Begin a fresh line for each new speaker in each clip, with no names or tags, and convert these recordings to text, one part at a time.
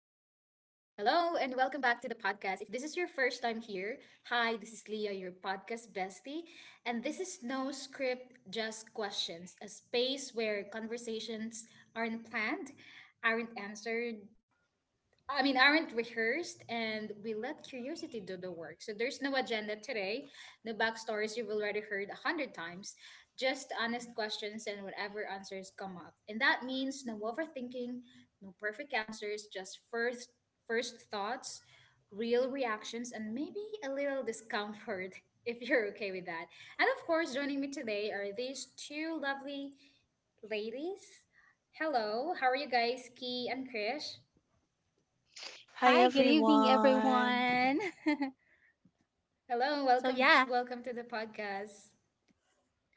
Hello and welcome back to the podcast. If this is your first time here, hi, this is Leah, your podcast bestie. And this is no script, just questions, a space where conversations aren't planned, aren't answered, I mean, aren't rehearsed, and we let curiosity do the work. So there's no agenda today, no backstories you've already heard a hundred times, just honest questions and whatever answers come up. And that means no overthinking, no perfect answers, just first thoughts, real reactions, and maybe a little discomfort if you're okay with that. And of course, joining me today are these two lovely ladies. Hello, how are you guys, Key and Krish?
Hi
Hi, good evening,
everyone.
everyone.
Hello,
So,
welcome
yeah.
welcome to the podcast.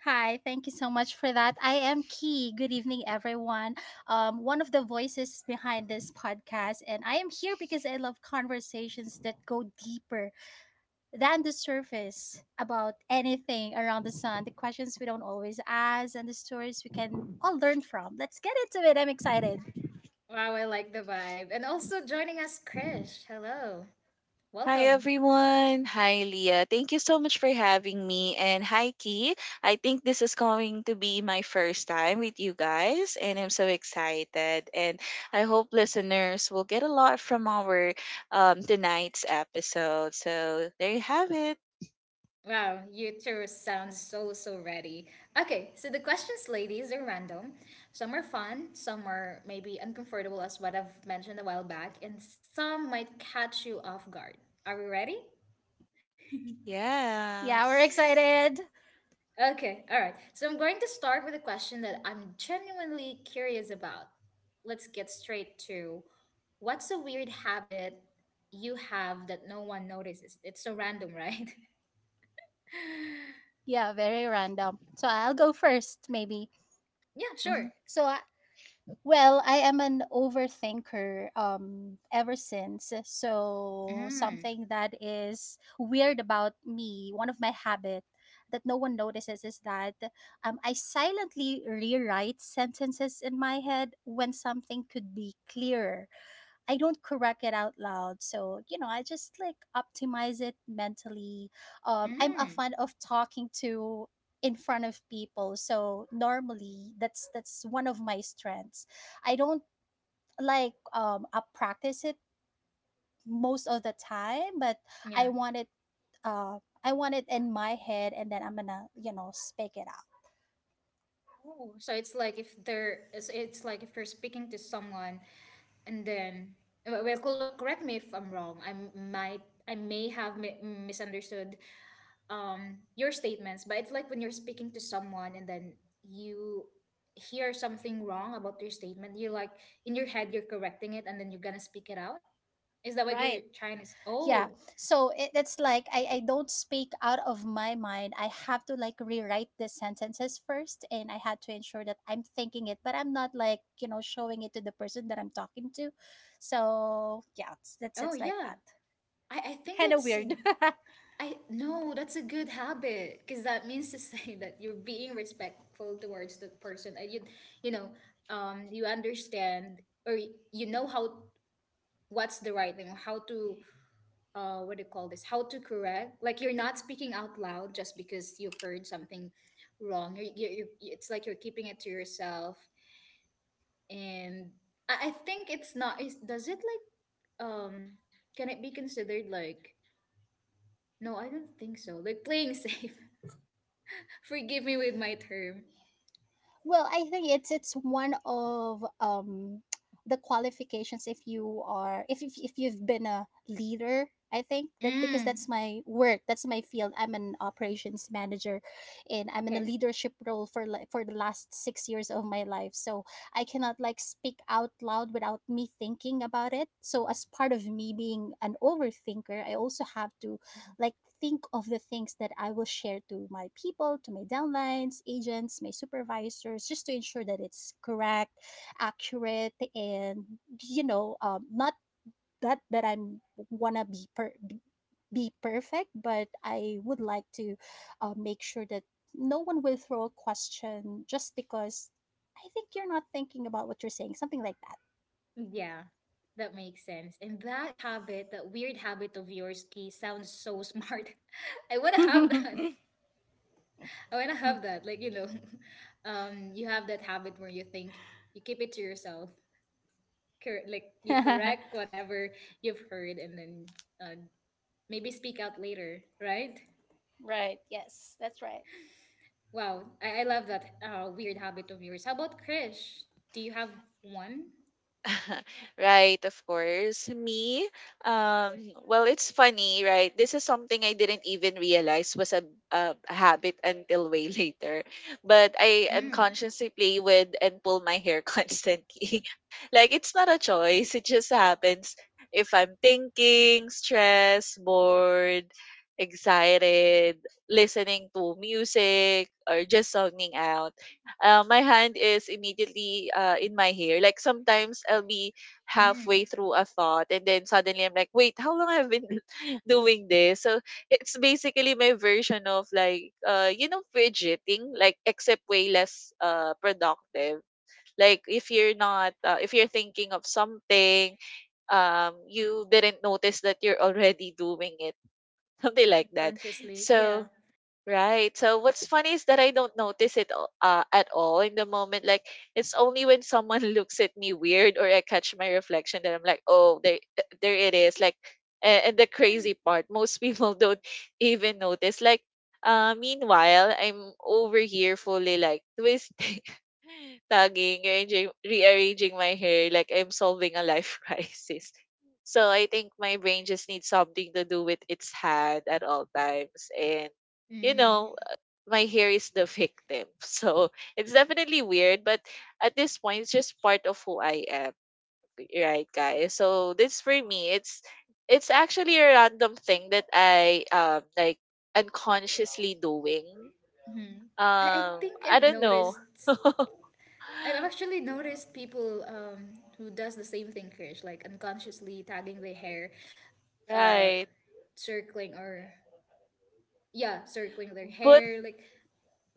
Hi, thank you so much for that. I am Key. Good evening, everyone. One of the voices behind this podcast, and I am here because I love conversations that go deeper than the surface about anything around the sun, the questions we don't always ask, and the stories we can all learn from. Let's get into it. I'm excited.
Wow, I like the vibe. And also joining us, Krish. Hello.
Hi
Welcome.
everyone. Hi Leah. Thank you so much for having me. And hi Key. I think this is going to be my first time with you guys and I'm so excited. And I hope listeners will get a lot from our tonight's episode. So there you have it.
Wow, you two sound so ready. Okay, so the questions, ladies, are random. Some are fun, some are maybe uncomfortable, as what I've mentioned a while back, and some might catch you off guard. Are we ready?
Yeah, we're
Yes.
excited.
Okay, all right. So I'm going to start with a question that I'm genuinely curious about. Let's get straight to, what's a weird habit you have that no one notices? It's so random, right?
Yeah, very random. So, I'll go first, maybe.
Yeah,
Mm-hmm.
sure.
So Well, I am an overthinker ever since. So
Mm,
something that is weird about me, one of my habit that no one notices is that I silently rewrite sentences in my head when something could be clearer. I don't correct it out loud. So, you know, I just like optimize it mentally. I'm a
mm,
fan of talking to in front of people. So normally that's one of my strengths. I don't like I practice it most of the time, but I
yeah.
want it uh I want it in my head and then I'm gonna, you know, speak it.
Oh, so it's like if they're it's like if you're speaking to someone, and then well, correct me if I'm wrong. I may have misunderstood your statements, but it's like when you're speaking to someone and then you hear something wrong about your statement, you're like, in your head you're correcting it and then you're gonna speak it out. Is that what you're
Right.
trying to s-
Yeah.
oh
So it's like I don't speak out of my mind. I have to like rewrite the sentences first and I had to ensure that I'm thinking it, but I'm not like, you know, showing it to the person that I'm talking to. So yeah, it's, that's
Oh
it's like
yeah,
that.
I think
Kind of
that's
weird.
a- I no, that's a good habit, because that means to say that you're being respectful towards the person, and you know, um, you understand, or you know how, what's the right thing, how to, what do you call this, how to correct. Like, you're not speaking out loud just because you heard something wrong. You, you it's like you're keeping it to yourself. And I think it's not, does it, like, um can it be considered, like, no, I don't think so, like, playing safe. Forgive me with my term.
Well, I think it's one of the qualifications if you are if you've been a leader. I think that because
Mm,
that's my work, that's my field. I'm an operations manager and I'm in a
okay,
leadership role for like for the last 6 years of my life. So, I cannot like speak out loud without me thinking about it. So, as part of me being an overthinker, I also have to like think of the things that I will share to my people, to my downlines, agents, my supervisors, just to ensure that it's correct, accurate, and you know, not that that I'm wanna be per- be perfect, but I would like to make sure that no one will throw a question just because I think you're not thinking about what you're saying, something like
yeah, that makes sense. And that habit, that weird habit of yours, Key, sounds so smart. I want to have
that.
that. Oh, and I have that. Like, you have that habit where you think, you keep it to yourself. Like, you correct whatever you've heard and then, uh, maybe speak out later, right?
Right. Yes, that's right.
Wow, I love that weird habit of yours. How about Krish? Do you have one?
right, of course. Me, um, well, it's funny, right? This is something I didn't even realize was a habit until way later. But I
Mm,
unconsciously play with and pull my hair constantly. Like, it's not a choice, it just happens if I'm thinking, stressed, bored, excited, listening to music, or just zoning out, my hand is immediately in my hair. Like sometimes I'll be
mm.
halfway through a thought and then suddenly I'm like, wait, how long I've been doing this? So it's basically my version of like, fidgeting, like except way less productive. Like if you're not, if you're thinking of something, you didn't notice that you're already doing it, something like that.
Unconsciously,
So.
yeah.
Right. So what's funny is that I don't notice it at all in the moment. Like it's only when someone looks at me weird or I catch my reflection that I'm like, oh, there, there it is. Like, and the crazy part, most people don't even notice. Like, meanwhile, I'm over here fully like twisting, tugging, arranging, rearranging my hair. Like I'm solving a life crisis. So I think my brain just needs something to do with its hand at all times and, you
Mm,
know, uh, my hair is the victim. So it's definitely weird, but at this point, it's just part of who I am, right, guys? So this for me, it's actually a random thing that I like unconsciously doing.
mm. I think
I
I've
don't know,
noticed. I've actually noticed people, who does the same thing, Krish, like unconsciously tagging their hair, uh
right?
circling, or yeah circling their
But
hair, like,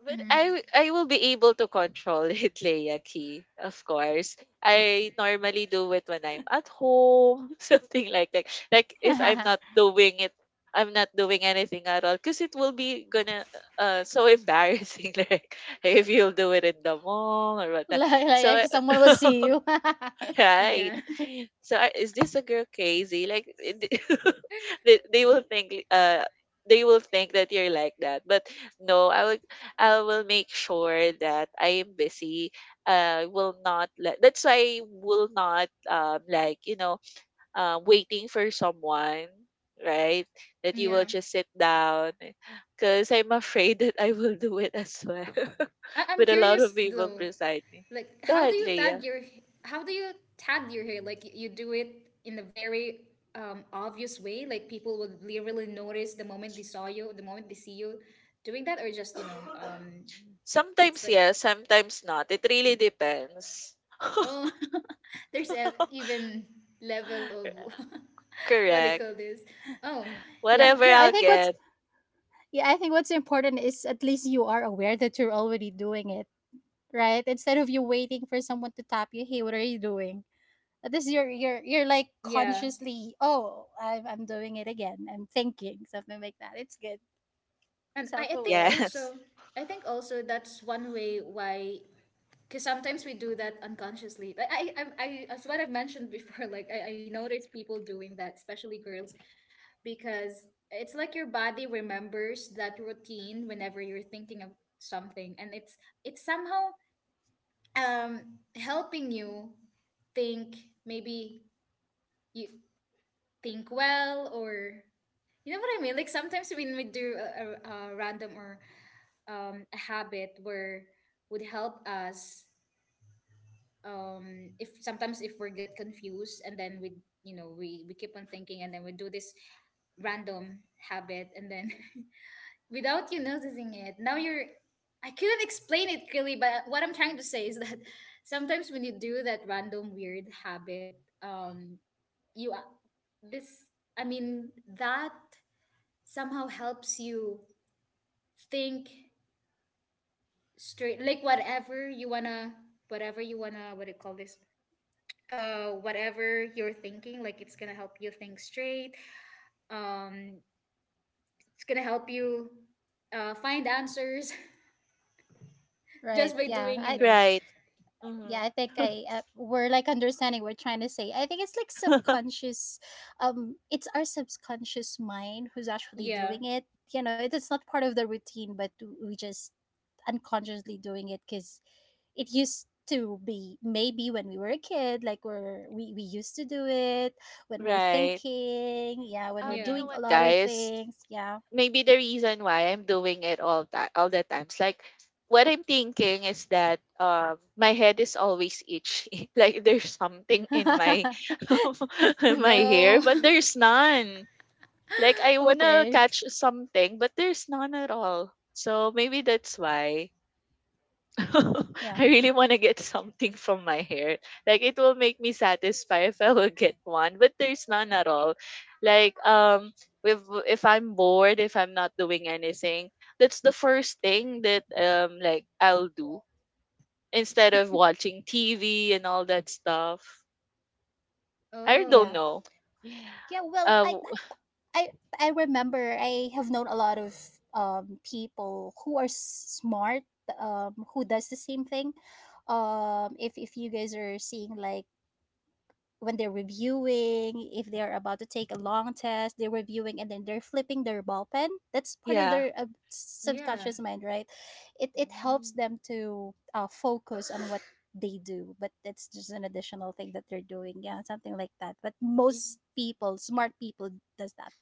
But
mhm.
I will be able to control it, Leia Key. Of course, I normally do it when I'm at home, something like that. Like if I'm not doing it, I'm not doing anything at all, cause it will be gonna so embarrassing. Like if you'll do it in the mall or whatnot. So. Right.
Yeah.
So I is this a girl crazy? Like they will think that you're like that. But no, I will make sure that I am busy. Will not let, that's why I will not like, waiting for someone, right? That you will
Yeah.
just sit down because I'm afraid that I will do it as well
I'm
with a lot of
curious
people
though,
beside me.
like,
Go
how do
ahead,
you tag
Leah.
your, how do you tag your hair? Like, you do it in a very, obvious way, like, people would literally notice the moment they saw you, the moment they see you doing that, or just, it's
Sometimes
like,
yes, sometimes not. It really depends.
oh, there's a, even level of what do you
Correct.
call this, oh,
yeah,
Whatever
I
yeah,
I'll
think what's
get.
Yeah, I think what's important is at least you are aware that you're already doing it, right? Instead of you waiting for someone to tap you, hey, what are you doing? At least you're like
yeah.
consciously, oh, I'm doing it again. I'm thinking something like that. It's good,
And
self aware,
Yes.
I think also, that's one way why, because sometimes we do that unconsciously. Like I, as what I've mentioned before, like, I notice people doing that, especially girls, because it's like your body remembers that routine whenever you're thinking of something. And it's somehow, um helping you think, maybe you think well, or, you know what I mean? Like sometimes when we do a, a, random, or a habit where would help us, if sometimes if we get confused, and then we, we keep on thinking, and then we do this random habit, and then, without you noticing it, now you're, I couldn't explain it clearly, but what I'm trying to say is that, sometimes when you do that random weird habit, um you a- this I mean, that somehow helps you think straight, like whatever you wanna, what do you call this, whatever you're thinking, like it's gonna help you think straight, um it's gonna help you find answers,
right?
just by doing you know
Right.
Yeah,
Hmm.
I think I we're like understanding we're trying to say I think it's like subconscious. It's our subconscious mind who's actually
Yeah,
doing it. You know, it is not part of the routine, but we just unconsciously doing it because it used to be maybe when we were a kid, like we used to do it when we're
Right.
thinking, yeah, when we're
You
yeah,
know
doing a
what,
lot of
guys?
things, yeah.
Maybe the reason why I'm doing it all the times, like what I'm thinking is that my head is always itchy. like there's something in my, in my hair,
no.
but there's none. Like I wanna
Okay.
catch something, but there's none at all. So maybe that's why
yeah
I really wanna get something from my hair. Like it will make me satisfied if I will get one, but there's none at all. Like if if I'm bored, if I'm not doing anything, that's the first thing that like I'll do instead of watching TV and all that stuff. I don't
yeah
Oh,
know.
yeah well,
Uh
i
w-
I I remember I have known a lot of people who are smart, who does the same thing. If you guys are seeing like when they're reviewing, if they're about to take a long test, they're reviewing and then they're flipping their ball pen. That's part of
yeah.
their
yeah.
subconscious mind, right? It helps them to focus on what they do, but that's just an additional thing that they're doing. Yeah, something like that. But most people, smart people, does that.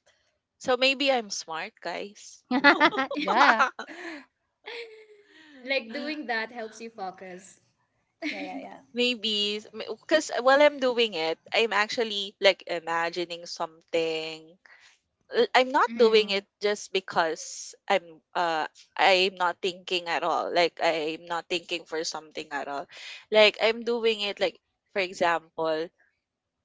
So maybe I'm smart, guys.
Yeah.
Like doing that helps you focus.
Yeah, yeah.
maybe because while I'm doing it, I'm actually like imagining something. I'm not
Hmm.
doing it
Hmm.
just because I'm not thinking at all. Like I'm not thinking for something at all. Like I'm doing it like, for example,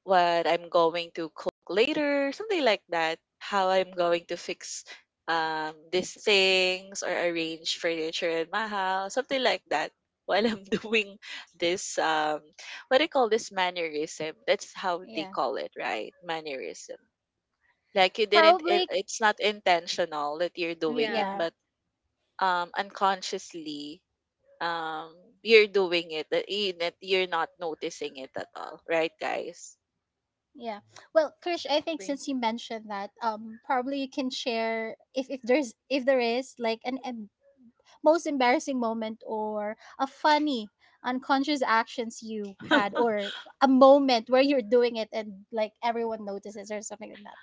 what I'm going to cook later, something like that. How I'm going to fix these things or arrange furniture in my house, something like that. While I'm doing this, what do you call this mannerism? That's how they
Yeah.
call it, right? Mannerism. Like you didn't, it,
Probably
it's not intentional that you're doing it,
Yeah,
yeah.
but unconsciously, um, you're doing it that you're not noticing it at all, right, guys?
Yeah. Well, Krish, I think
absolutely.
since you mentioned that, probably you can share if there's if there is like most embarrassing moment or a funny unconscious actions you had or a moment where you're doing it and like everyone notices or something like that.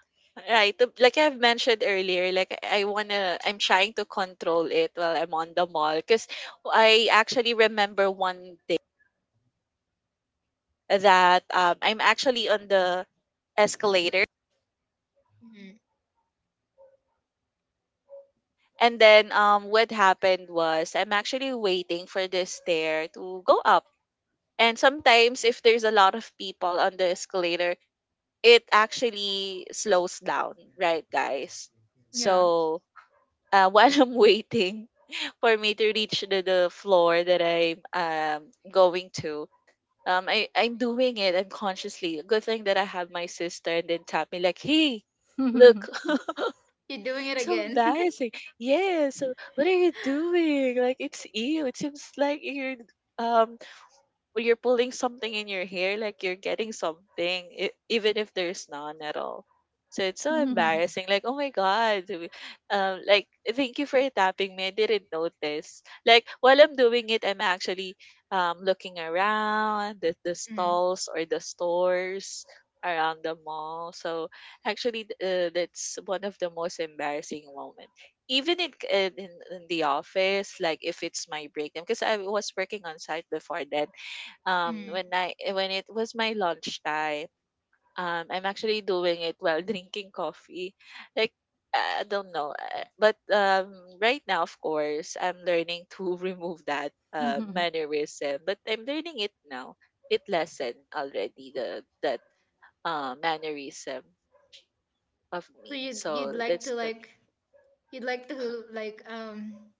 Right. Like I've mentioned earlier, like I'm trying to control it while I'm on the mall. Cause I actually remember one day that I'm actually on the escalator,
Mhm.
and then what happened was I'm actually waiting for the stair to go up. And sometimes if there's a lot of people on the escalator, it actually slows down, right, guys?
Yeah.
So while I'm waiting, for me to reach the floor that I'm going to. I'm doing it unconsciously. Good thing that I have my sister and then tap me like, hey, look, so embarrassing. Yeah, so what are you doing? Like, it's you. It seems like um you're pulling something in your hair, like you're getting something, even if there's none at all. So it's so embarrassing. Like, oh my God. Like, thank you for tapping me. I didn't notice. Like, while I'm doing it, I'm actually looking around the
Mm.
stalls or the stores around the mall. So actually, that's one of the most embarrassing moment. Even in the office, like if it's my break time, because I was working on site before, then
Mm.
when when it was my lunchtime, I'm actually doing it while drinking coffee. Like I don't know, but right now of course I'm learning to remove that mannerism, but I'm learning it now. It lessened already the that mannerism of
So
me.
you'd, you'd
So
like
that's
to
good.
like you'd like to, like,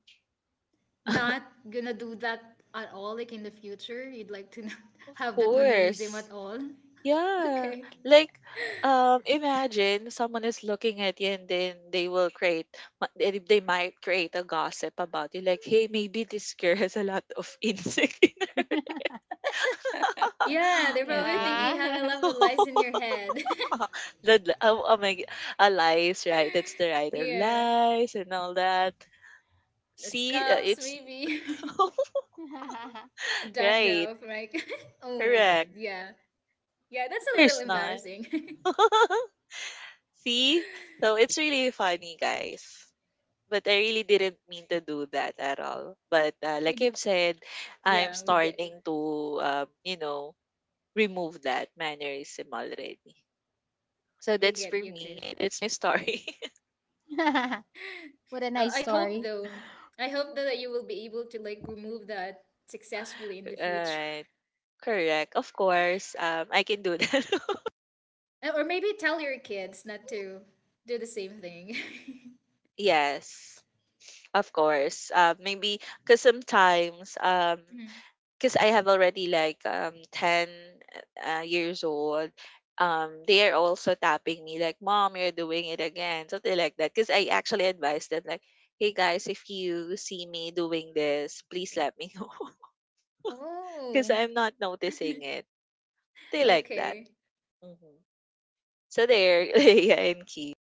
not gonna do that at all, like, in the future. You'd like to not
of
have that mannerism
course.
at all.
Yeah,
Okay.
like imagine someone is looking at you and then they will create ma- they might create a gossip about you like, hey, maybe this girl has a lot of insects
Yeah, they're
with
probably thinking
the,
you had a
yeah.
lot of lies in your head.
oh, oh my lies, right, that's the right,
Yeah.
lies and all that,
The
see,
scalps
it's,
maybe.
right,
Dandruff, like, oh my god,
correct,
yeah. Yeah, that's a little
there's none,
embarrassing.
see, so it's really funny, guys. But I really didn't mean to do that at all. But like I've said,
Yeah,
I'm
we get
starting to, remove that mannerism already.
We
So that's
get you,
for me.
Krish.
That's my story.
What a nice
I
story.
hope though. I hope that you will be able to like remove that successfully in the
all
future.
right. Correct. Of course, I can do that.
Or maybe tell your kids not to do the same thing.
yes. Of course. Maybe because sometimes
Mhm.
'cause I have already like, 10, years old, they are also tapping me like, "Mom, you're doing it again," something like that, because I actually advised them like, "Hey guys, if you see me doing this, please let me know, because 'cause
Oh.
I'm not noticing it." They like that.
Okay,
Mhm. So there, Leia and Key.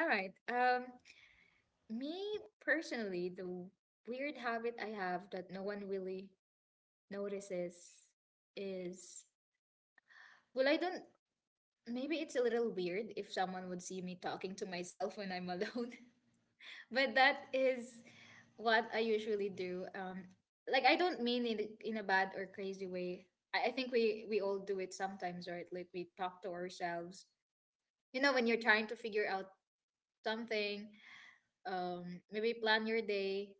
all right. Me personally, the weird habit I have that no one really notices is, well, I don't. Maybe it's a little weird if someone would see me talking to myself when I'm alone. But that is what I usually do. Like, I don't mean in, a bad or crazy way. I think we all do it sometimes, right? Like, we talk to ourselves. You know, when you're trying to figure out something, maybe plan your day,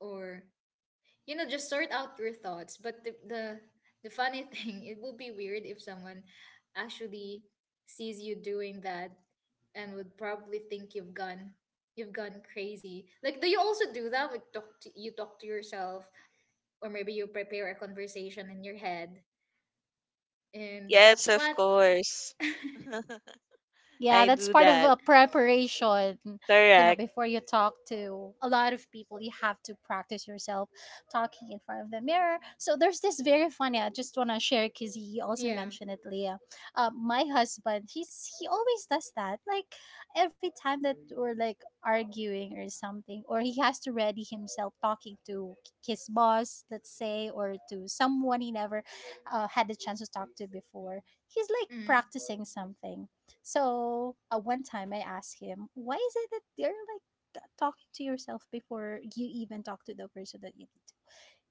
or, just sort out your thoughts. But the, the funny thing, it would be weird if someone actually sees you doing that, and would probably think you've gone crazy. Like, do you also do that, you talk to yourself, or maybe you prepare a conversation in your head, and
Yes,
that's
of
what.
course.
Yeah,
I
that's
do
part of
that.
a preparation. You know,
Correct.
before you talk to a lot of people, you have to practice yourself talking in front of the mirror. So there's this very funny. I just want to share because he also
Yeah.
mentioned it, Leah. My husband, he always does that. Like every time that we're like arguing or something, or he has to ready himself talking to his boss, let's say, or to someone he never had the chance to talk to before. He's like
Mm.
practicing something. So at one time I asked him, why is it that they're like talking to yourself before you even talk to the person that you need to?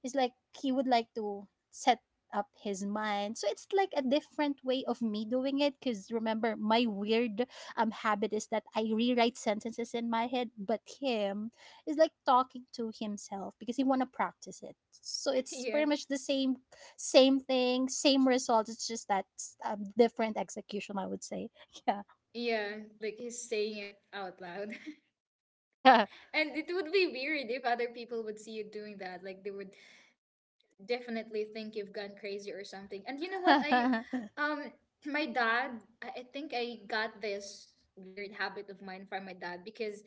It's like he would like to set up his mind. So it's like a different way of me doing it because remember my weird habit is that I rewrite sentences in my head, but him is like talking to himself because he wanna practice it. So it's
Yeah.
pretty much the same thing, same result. It's just that different execution, I would say. Yeah.
Yeah, like, he's saying it out loud.
Yeah.
And it would be weird if other people would see you doing that, like, they would definitely think you've gone crazy or something. And you know what? Um, my dad, I think I got this weird habit of mine from my dad. Because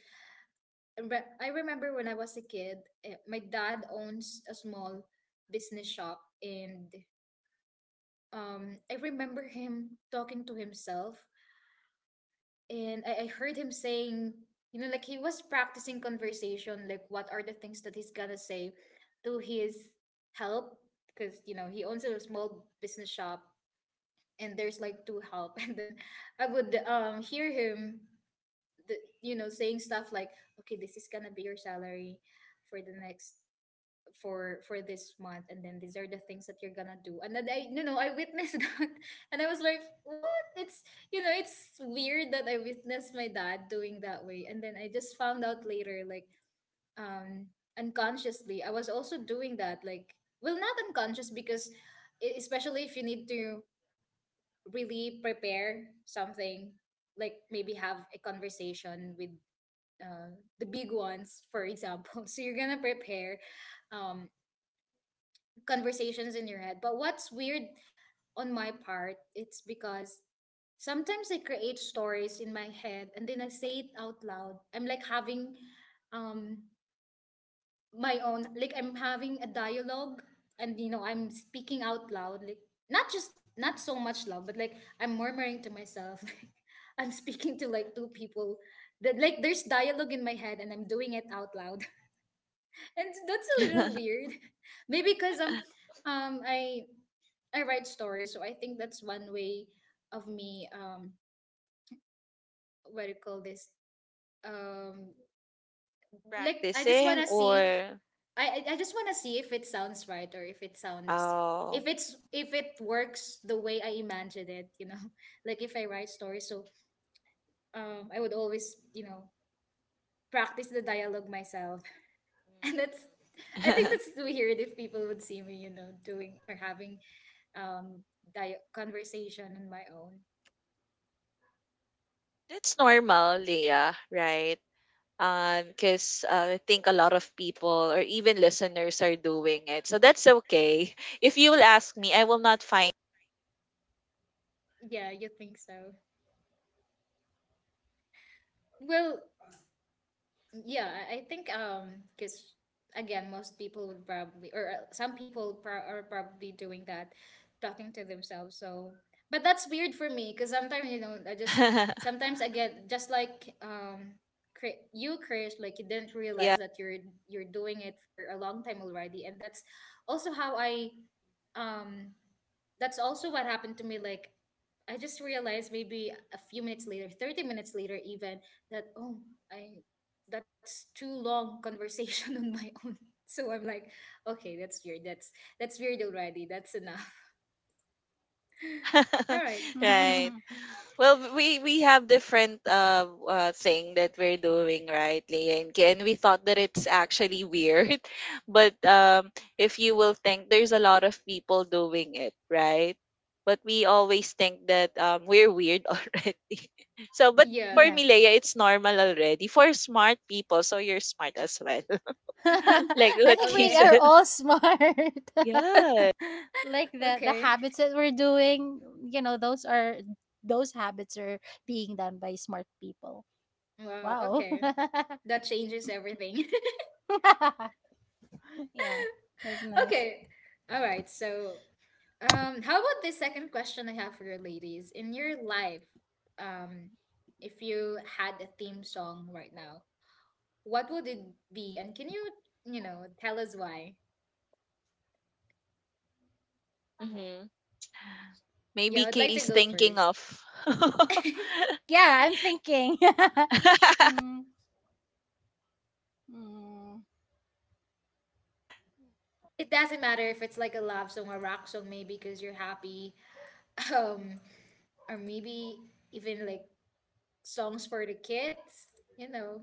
I remember when I was a kid, my dad owns a small business shop, and, I remember him talking to himself, and I heard him saying, you know, like he was practicing conversation, like, what are the things that he's gonna say to his help. Because, you know, he owns a small business shop, and there's like two help, and then I would, hear him, the, you know saying stuff like, okay, this is gonna be your salary for the, next for this month, and then these are the things that you're gonna do. And then, I you know I witnessed that, and I was like, what it's you know it's weird that I witnessed my dad doing that way. And then I just found out later, like, um unconsciously I was also doing that. Like, well, not unconscious, because especially if you need to really prepare something, like, maybe have a conversation with, uh, the big ones, for example. So you're gonna prepare, um, conversations in your head. But what's weird on my part, it's because sometimes I create stories in my head, and then I say it out loud. I'm like having, um, my own, like, I'm having a dialogue, and, I'm speaking out loud, like, not just, not so much loud, but like, I'm murmuring to myself, like, I'm speaking to, like, two people, that, like, there's dialogue in my head, and I'm doing it out loud. And that's a little weird. Maybe because um i I write stories, so I think that's one way of me, what do you call this, um like, I just want
Practicing
to see,
or.
I I just want to see if it sounds right, or if it sounds if
Oh.
it's if it works the way I imagined it, you know. Like, if I write stories, so, I would always, practice the dialogue myself. And that's I think
Mm.
that's weird if people would see me, doing or having, um conversation on my own.
That's normal, Leah, right? Because I think a lot of people or even listeners are doing it, so that's okay. If you will ask me, I will not find.
Yeah, you think so? Well, yeah, I think, because again, most people would probably, or, some people pro are probably doing that, talking to themselves. So, but that's weird for me because sometimes, you know, I just sometimes I get just like, you, Chris, like you didn't
yeah.
realize that you're doing it for a long time already, and that's also how I um that's also what happened to me, like I just realized maybe a few minutes later, 30 minutes later even, that, oh, I, that's too long conversation on my own. So I'm like, okay, that's weird, that's weird already, that's enough. All right.
right. Well, we have different thing that we're doing, right, Leah and Ki, and we thought that it's actually weird, but if you will think, there's a lot of people doing it, right? But we always think that we're weird already. So, but
Yeah,
for
yeah.
me, Leia, it's normal already for smart people. So you're smart as well, like
I
what
think
Ki
we are
okay.
said.
all smart.
Yeah.
Like the
Okay.
habits that we're doing, you know, those habits are being done by smart people.
Wow,
Wow.
okay, that changes everything.
yeah. That's nice.
Okay. All right. So, how about this second question I have for you, ladies? In your life, um, if you had a theme song right now, what would it be? And can you, you know, tell us why?
Mm.
Yeah,
Maybe
I'd
Kay
like to
is
go
thinking
first.
of.
It
Yeah, I'm thinking. Hmm, hmm.
doesn't matter if it's like a love song or rock song, maybe because you're happy, um, or maybe even like songs for the kids. You know,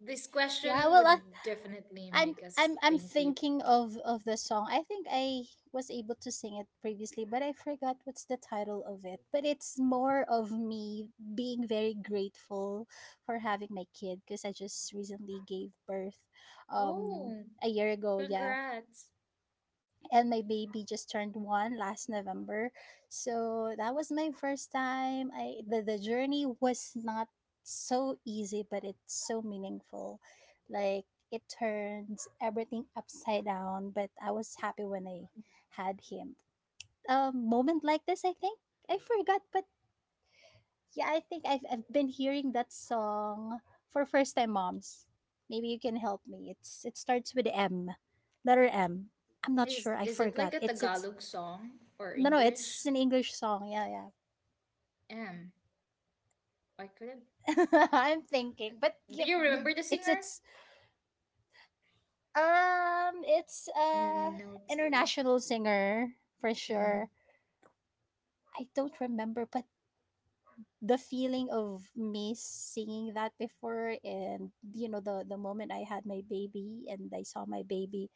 this
Yeah,
question
well, I
would definitely make us
I'm
think deep.
thinking of the song. I think I was able to sing it previously, but I forgot what's the title of it. But it's more of me being very grateful for having my kid because I just recently gave birth um
Oh,
a year ago, yeah,
congrats.
and my baby just turned one last November. So that was my first time. I The journey was not so easy, but it's so meaningful. Like it turns everything upside down, but I was happy when I had him. A moment like this, I think I forgot, but yeah, I think I've been hearing that song for first time moms. Maybe you can help me. It's it starts with M, letter M. I'm not
Is
sure. I
is it like
forgot.
a
It's
Tagalog song or
No, no,
English?
it's an English song. Yeah, yeah.
Um, I couldn't.
I'm thinking, but
Do
yeah,
you remember the singer?
it's
No, too.
international singer for
Mm,
sure. I don't remember, but the feeling of me singing that before, and you know the moment I had my baby and I saw my baby,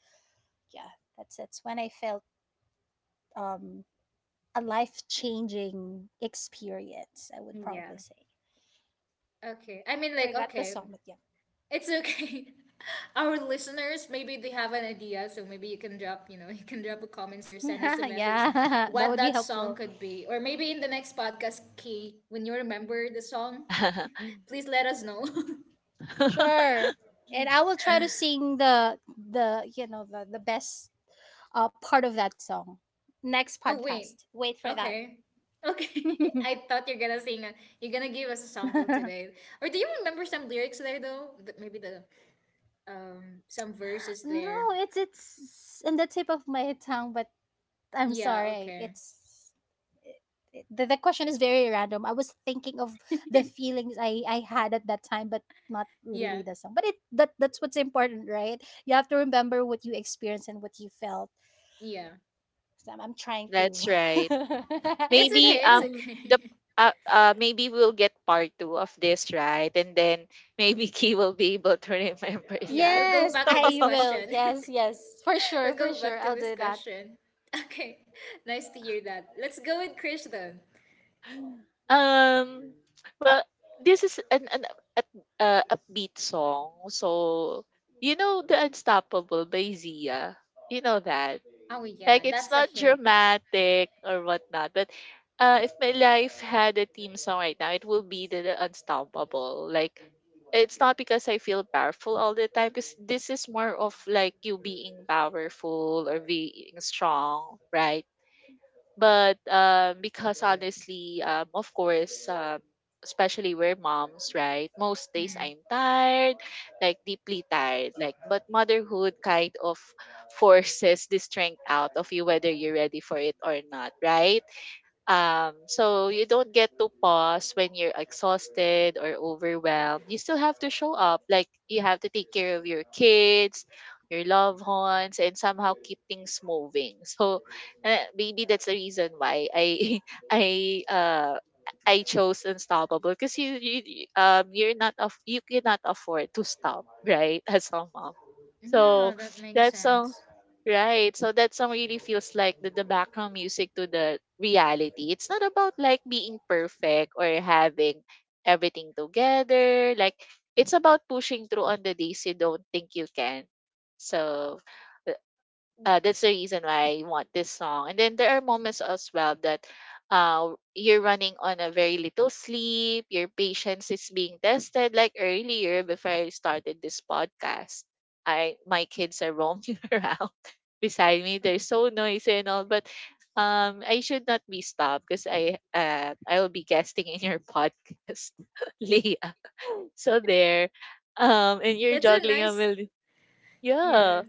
yeah, that's when I felt um a life changing experience, I would
yeah.
probably say.
Okay. I mean, like,
Forgot the
okay,
song, but
it's okay. Our listeners, maybe they have an idea, so maybe you can drop, you can drop a comments or send us a
yeah,
message
yeah, that
what
would be
that song
helpful.
could be, or maybe in the next podcast, Key, when you remember the song, please let us know.
Sure. And I will try to sing the you know the best part of that song. Next
Oh wait.
podcast. Wait for that.
Okay. Okay. I thought you're gonna sing. A, you're gonna give us a sample
No,
today. Or do you remember some lyrics there though? The, maybe the some verses there.
it's in the tip of my tongue, but I'm
Yeah.
sorry.
Okay.
The question is very random. I was thinking of the feelings I had at that time, but not
Yeah.
really the song. But it that that's what's important, right? You have to remember what you experienced and what you felt.
Yeah.
So I'm trying to.
That's right.
It's
Maybe
okay. It's
um the
okay.
maybe we'll get part two of this, right? And then maybe Key will be able to remember
Yeah.
that.
We'll go
Yes,
back to this
I will.
question.
Yes, yes, for sure,
We'll
for
go
sure.
back to
I'll
this
do that.
question. Okay. Nice to hear that. Let's go with Krish then.
um well, this is an up- upbeat song. So you know the Unstoppable by Zia. You know that.
Oh yeah,
Like it's
that's a
not
hit.
dramatic or whatnot, but if my life had a theme song right now, it will be the, Unstoppable. Like it's not because I feel powerful all the time, because this is more of like you being powerful or being strong, right? But because honestly, of course, especially we're moms, right? Most days
Mm.
I'm tired, like deeply tired. Like, but motherhood kind of forces the strength out of you, whether you're ready for it or not, right? So you don't get to pause when you're exhausted or overwhelmed. You still have to show up. Like you have to take care of your kids, your loved ones, and somehow keep things moving. So maybe that's the reason why I I uh I chose unstoppable because you you're not of, you cannot afford to stop, right, as a mom. So
Yeah, that makes
that song.
sense.
Right. So that song really feels like the background music to the reality. It's not about like being perfect or having everything together. Like it's about pushing through on the days you don't think you can. So uh, that's the reason why I want this song. And then there are moments as well that you're running on a very little sleep, your patience is being tested. Like earlier, before I started this podcast, I my kids are roaming around beside me. They're so noisy and all, but I should not be stopped because I will be guesting in your podcast, Leah. So there, and you're
That's a
juggling a
nice.
million.
Yeah.
Yeah,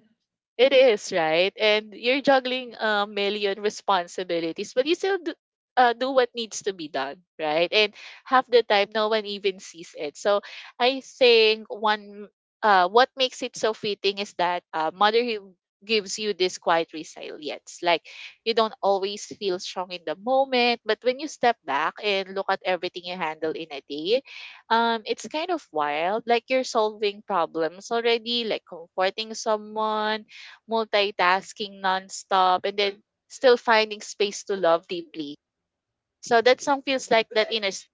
it is, right? And you're juggling a million responsibilities, but you still do what needs to be done, right? And half the time, no one even sees it. So I think what makes it so fitting is that motherhood gives you this quiet resilience. Like you don't always feel strong in the moment, but when you step back and look at everything you handle in a day, it's kind of wild. Like you're solving problems already, like comforting someone, multitasking nonstop, and then still finding space to love deeply. So that song feels like that inner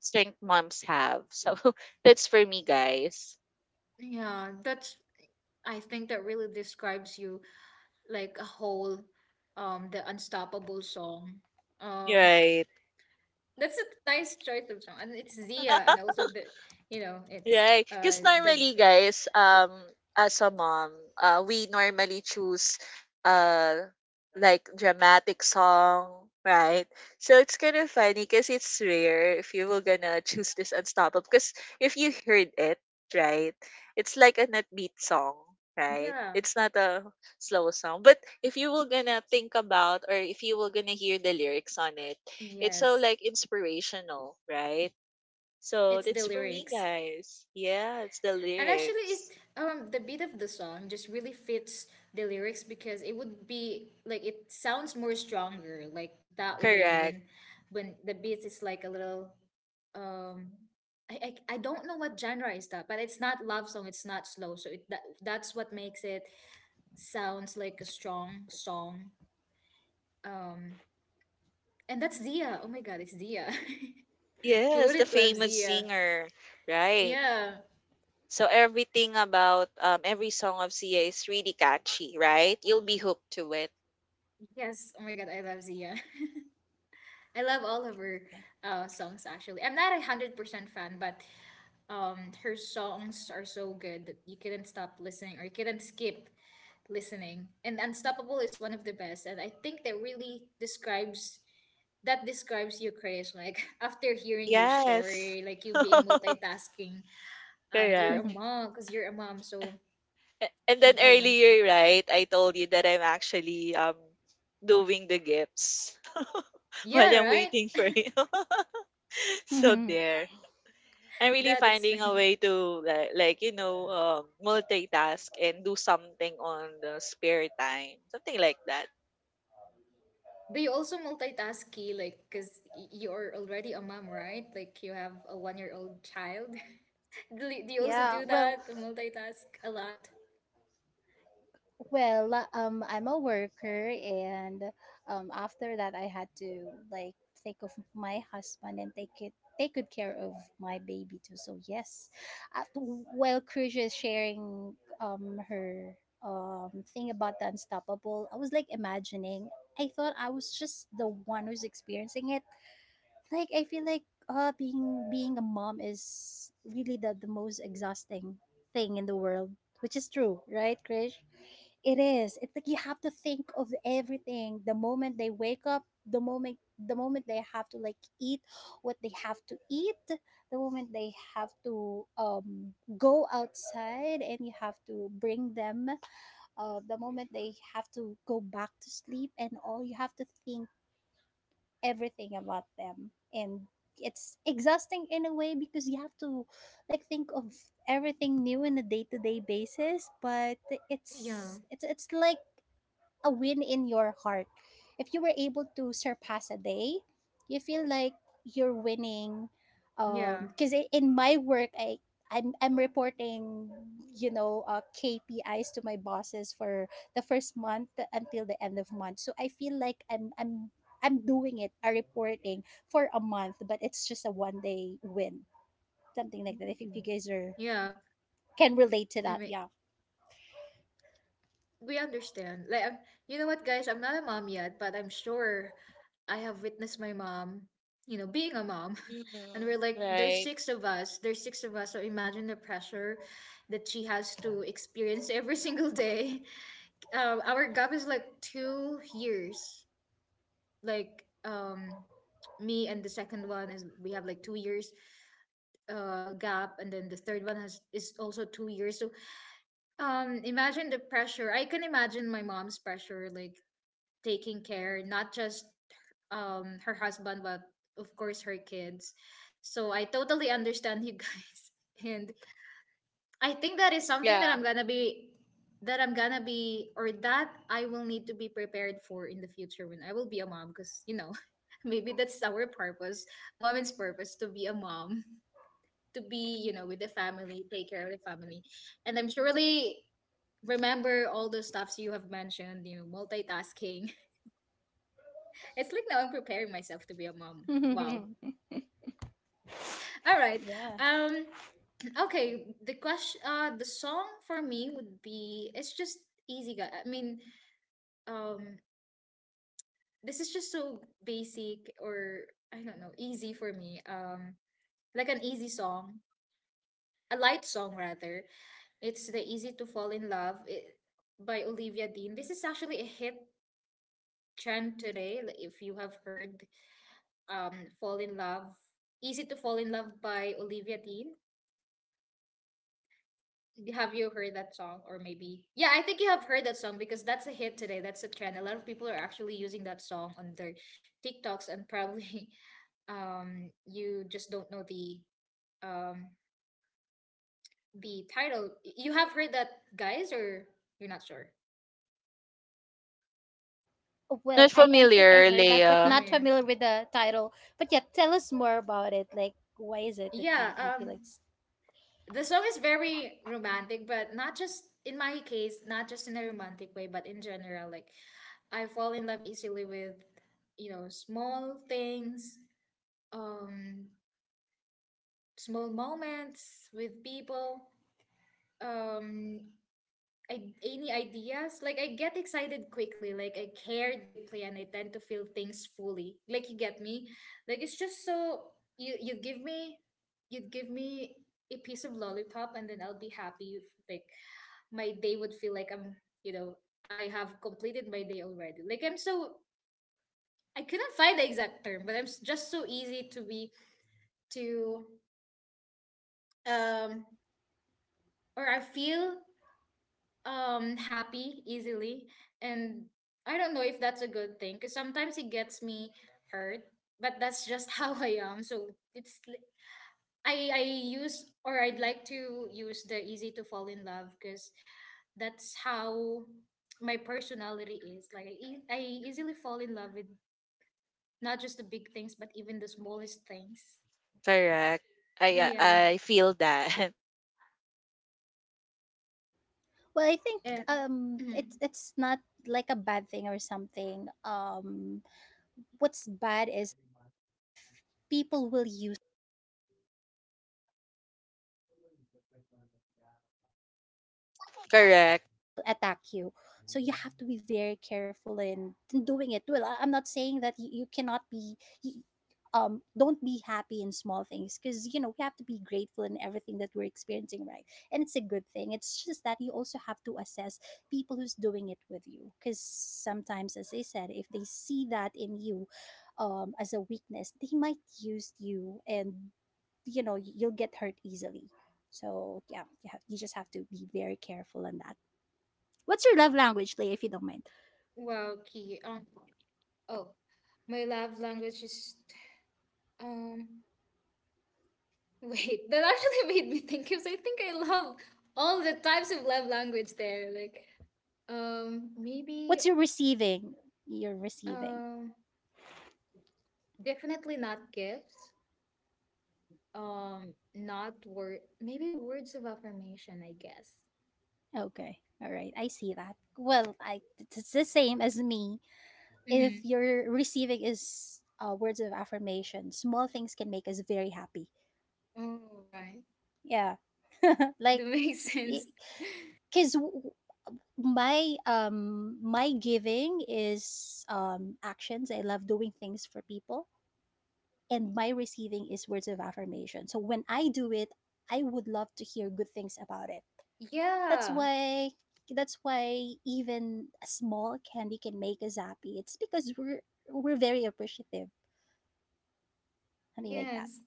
strength moms have. So that's for me, guys.
Yeah. That's I think that really describes you, like a whole the unstoppable song. Um
Right.
that's a nice choice of song. And it's Zia, and also the, it's,
Right. Because
the,
normally, guys, as a mom, we normally choose uh like dramatic song, right? So it's kind of funny because it's rare if you were gonna choose this unstoppable. Because if you heard it, right, it's like an upbeat song, right?
yeah,
It's not a slow song. But if you were gonna think about or if you were gonna hear the lyrics on it, it's so
yes.
like inspirational, right? So
It's the
that's for me,
lyrics.
guys. Yeah, it's the
And actually
lyrics.
it's the beat of the song just really fits the lyrics because it would be like it sounds more stronger, like that way
Correct.
when the beat is like a little, um I, I don't know what genre is that, but it's not love song. It's not slow, so that's what makes it sounds like a strong song. Um, and that's Zia. Oh my God, it's Zia. Who
Yes, the
wouldn't love
famous
Zia?
singer. Right.
Yeah.
So everything about every song of Sia is really catchy, right? You'll be hooked to it.
Yes. Oh my God, I love Zia. I love all of her
Yeah.
songs actually. I'm not 100% fan, but her songs are so good that you couldn't stop listening or you couldn't skip listening. And Unstoppable is one of the best, and I think that really describes you, Chris. Like after hearing your
Yes.
story, like you being multitasking, and you're a
Correct.
Mhm.
mom because you're a mom. So
And then
oh my God,
earlier, right, I told you that I'm actually doing the gifts while
yeah,
I'm
right.
waiting for you. so
Mhm.
there. I'm really
That
finding a
explains.
way to like, multitask and do something on the spare time, something like that.
They also multitask, Key, like, because you're already a mom, right? Like, you have a 1-year old child. Do you also
Yeah.
do that? Multitask a lot?
Well, I'm a worker, and after that, I had to like take of my husband and take good care of my baby too. So yes, after, while Cruz is sharing her thing about the unstoppable, I was like imagining. I thought I was just the one who's experiencing it, like I feel like being a mom is really the most exhausting thing in the world, which is true, right, Krish? It is. It's like you have to think of everything. The moment they wake up, the moment they have to like eat what they have to eat, the moment they have to go outside and you have to bring them, the moment they have to go back to sleep, and all you have to think everything about them. And it's exhausting in a way because you have to like think of everything new on a day-to-day basis, but
Yeah,
it's like a win in your heart. If you were able to surpass a day, you feel like you're winning.
yeah.
Because in my work, I'm reporting, you know, KPIs to my bosses for the first month until the end of month. So I feel like I'm doing it, a reporting for a month, but it's just a 1 day win, something like that. If you
Mm.
guys are
Yeah.
can relate to
I
that,
mean,
yeah.
we understand. Like, I'm, you know what, guys? I'm not a mom yet, but I'm sure I have witnessed my mom, being a mom. And
Mm,
we're like, there's
right.
six of us. There's six of us. So imagine the pressure that she has to experience every single day. Our gap is like 2 years. Like, me and the second one is we have like 2 years gap, and then the third one has is also 2 years. So, imagine the pressure. I can imagine my mom's pressure, like taking care not just her husband, but of course her kids. So I totally understand you guys, and I think that is something that
Yeah.
I'm gonna be that I'm gonna be or that I will need to be prepared for in the future, when I will be a mom because you know maybe that's our purpose, woman's purpose, to be a mom to be, with the family, take care of the family, and I'm surely remember all those stuffs you have mentioned, multitasking. It's like, now I'm preparing myself to be a mom. Wow. All right.
Yeah.
um Okay, the question, the song for me would be it's just easy, guy. I mean, um, this is just so basic or I don't know, easy for me. Like an easy song, a light song rather. It's the Easy to Fall in Love by Olivia Dean. This is actually a hit trend today. Like, if you have heard, Fall in Love, Easy to Fall in Love by Olivia Dean. Have you heard that song? Or maybe, yeah, I think you have heard that song because that's a hit today. That's a trend. A lot of people are actually using that song on their TikToks, and probably you just don't know the, um, the title. You have heard that, guys, or you're not sure?
Well,
Not
I think I
familiar,
heard that, but
Leia.
I
not
mean,
familiar with the title. But yeah, tell us more about it. Like, why is it that
yeah,
you feel like? It's...
the song is very romantic, but not just in my case, not just in a romantic way, but in general, like I fall in love easily with, small things, um, small moments with people, um, any ideas. Like I get excited quickly. Like I care deeply, and I tend to feel things fully. Like you get me. Like it's just so, you you give me you give me a piece of lollipop, and then I'll be happy. If, like, my day would feel like I'm you know I have completed my day already. Like I'm so. I couldn't find the exact term, but I'm just so easy to be, to um or I feel happy easily. And I don't know if that's a good thing because sometimes it gets me hurt, but that's just how I am. So it's li- I use or I'd like to use the easy to fall in love because that's how my personality is. Like I easily fall in love with not just the big things but even the smallest things.
Correct. I
Yeah.
I I feel that.
Well, I think
And
it's not like a bad thing or something. What's bad is if people will use.
Correct.
They will attack you. So you have to be very careful in doing it. Well, I- I'm not saying that you cannot be. You, don't be happy in small things, because you know we have to be grateful in everything that we're experiencing, right? And it's a good thing, it's just that you also have to assess people who's doing it with you, because sometimes, as I said, if they see that in you as a weakness, they might use you, and you know you'll get hurt easily. So yeah, you, have, you just have to be very careful on that. What's your love language, Lay, if you don't mind?
wow, Key, oh, my love language is, Um, wait, that actually made me think, because I think I love all the types of love language there. Like, maybe,
What's your receiving? Your receiving.
um, definitely not gifts. Not word. Maybe words of affirmation. I guess.
Okay. All right. I see that. Well, I it's the same as me. If
Mm-hmm.
your receiving is words of affirmation, small things can make us very happy.
Oh, right.
Yeah. Like
That makes sense.
because my my giving is actions. I love doing things for people, and my receiving is words of affirmation. So when I do it, I would love to hear good things about it. That's
Yeah.
why that's why even a small candy can make us happy. It's because we're very appreciative. Something like that.
Yes,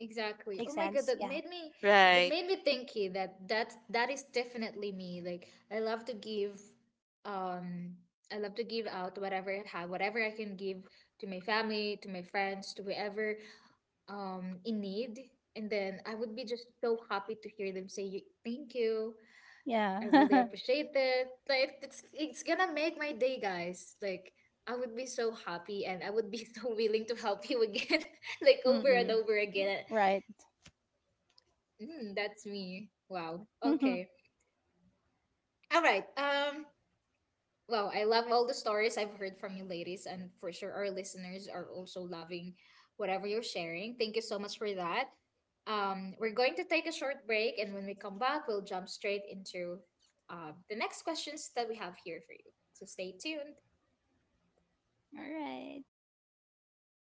exactly. Oh
Makes
my God,
sense.
that
Yeah.
made me that
Right.
made me thinking that that is definitely me. Like I love to give, um out whatever I have, whatever I can give to my family, to my friends, to whoever in need. And then I would be just so happy to hear them say thank you. I
Yeah.
really appreciate it. Like it's gonna make my day, guys. Like I would be so happy and I would be so willing to help you again, like over and
Mm-mm.
over again.
Right.
Mm, that's me. Wow.
All
Okay. All right. Wow. I love all the stories I've heard from you, ladies, and for sure our listeners are also loving whatever you're sharing. Thank you so much for that. We're going to take a short break, and when we come back, we'll jump straight into the next questions that we have here for you. So stay tuned.
right.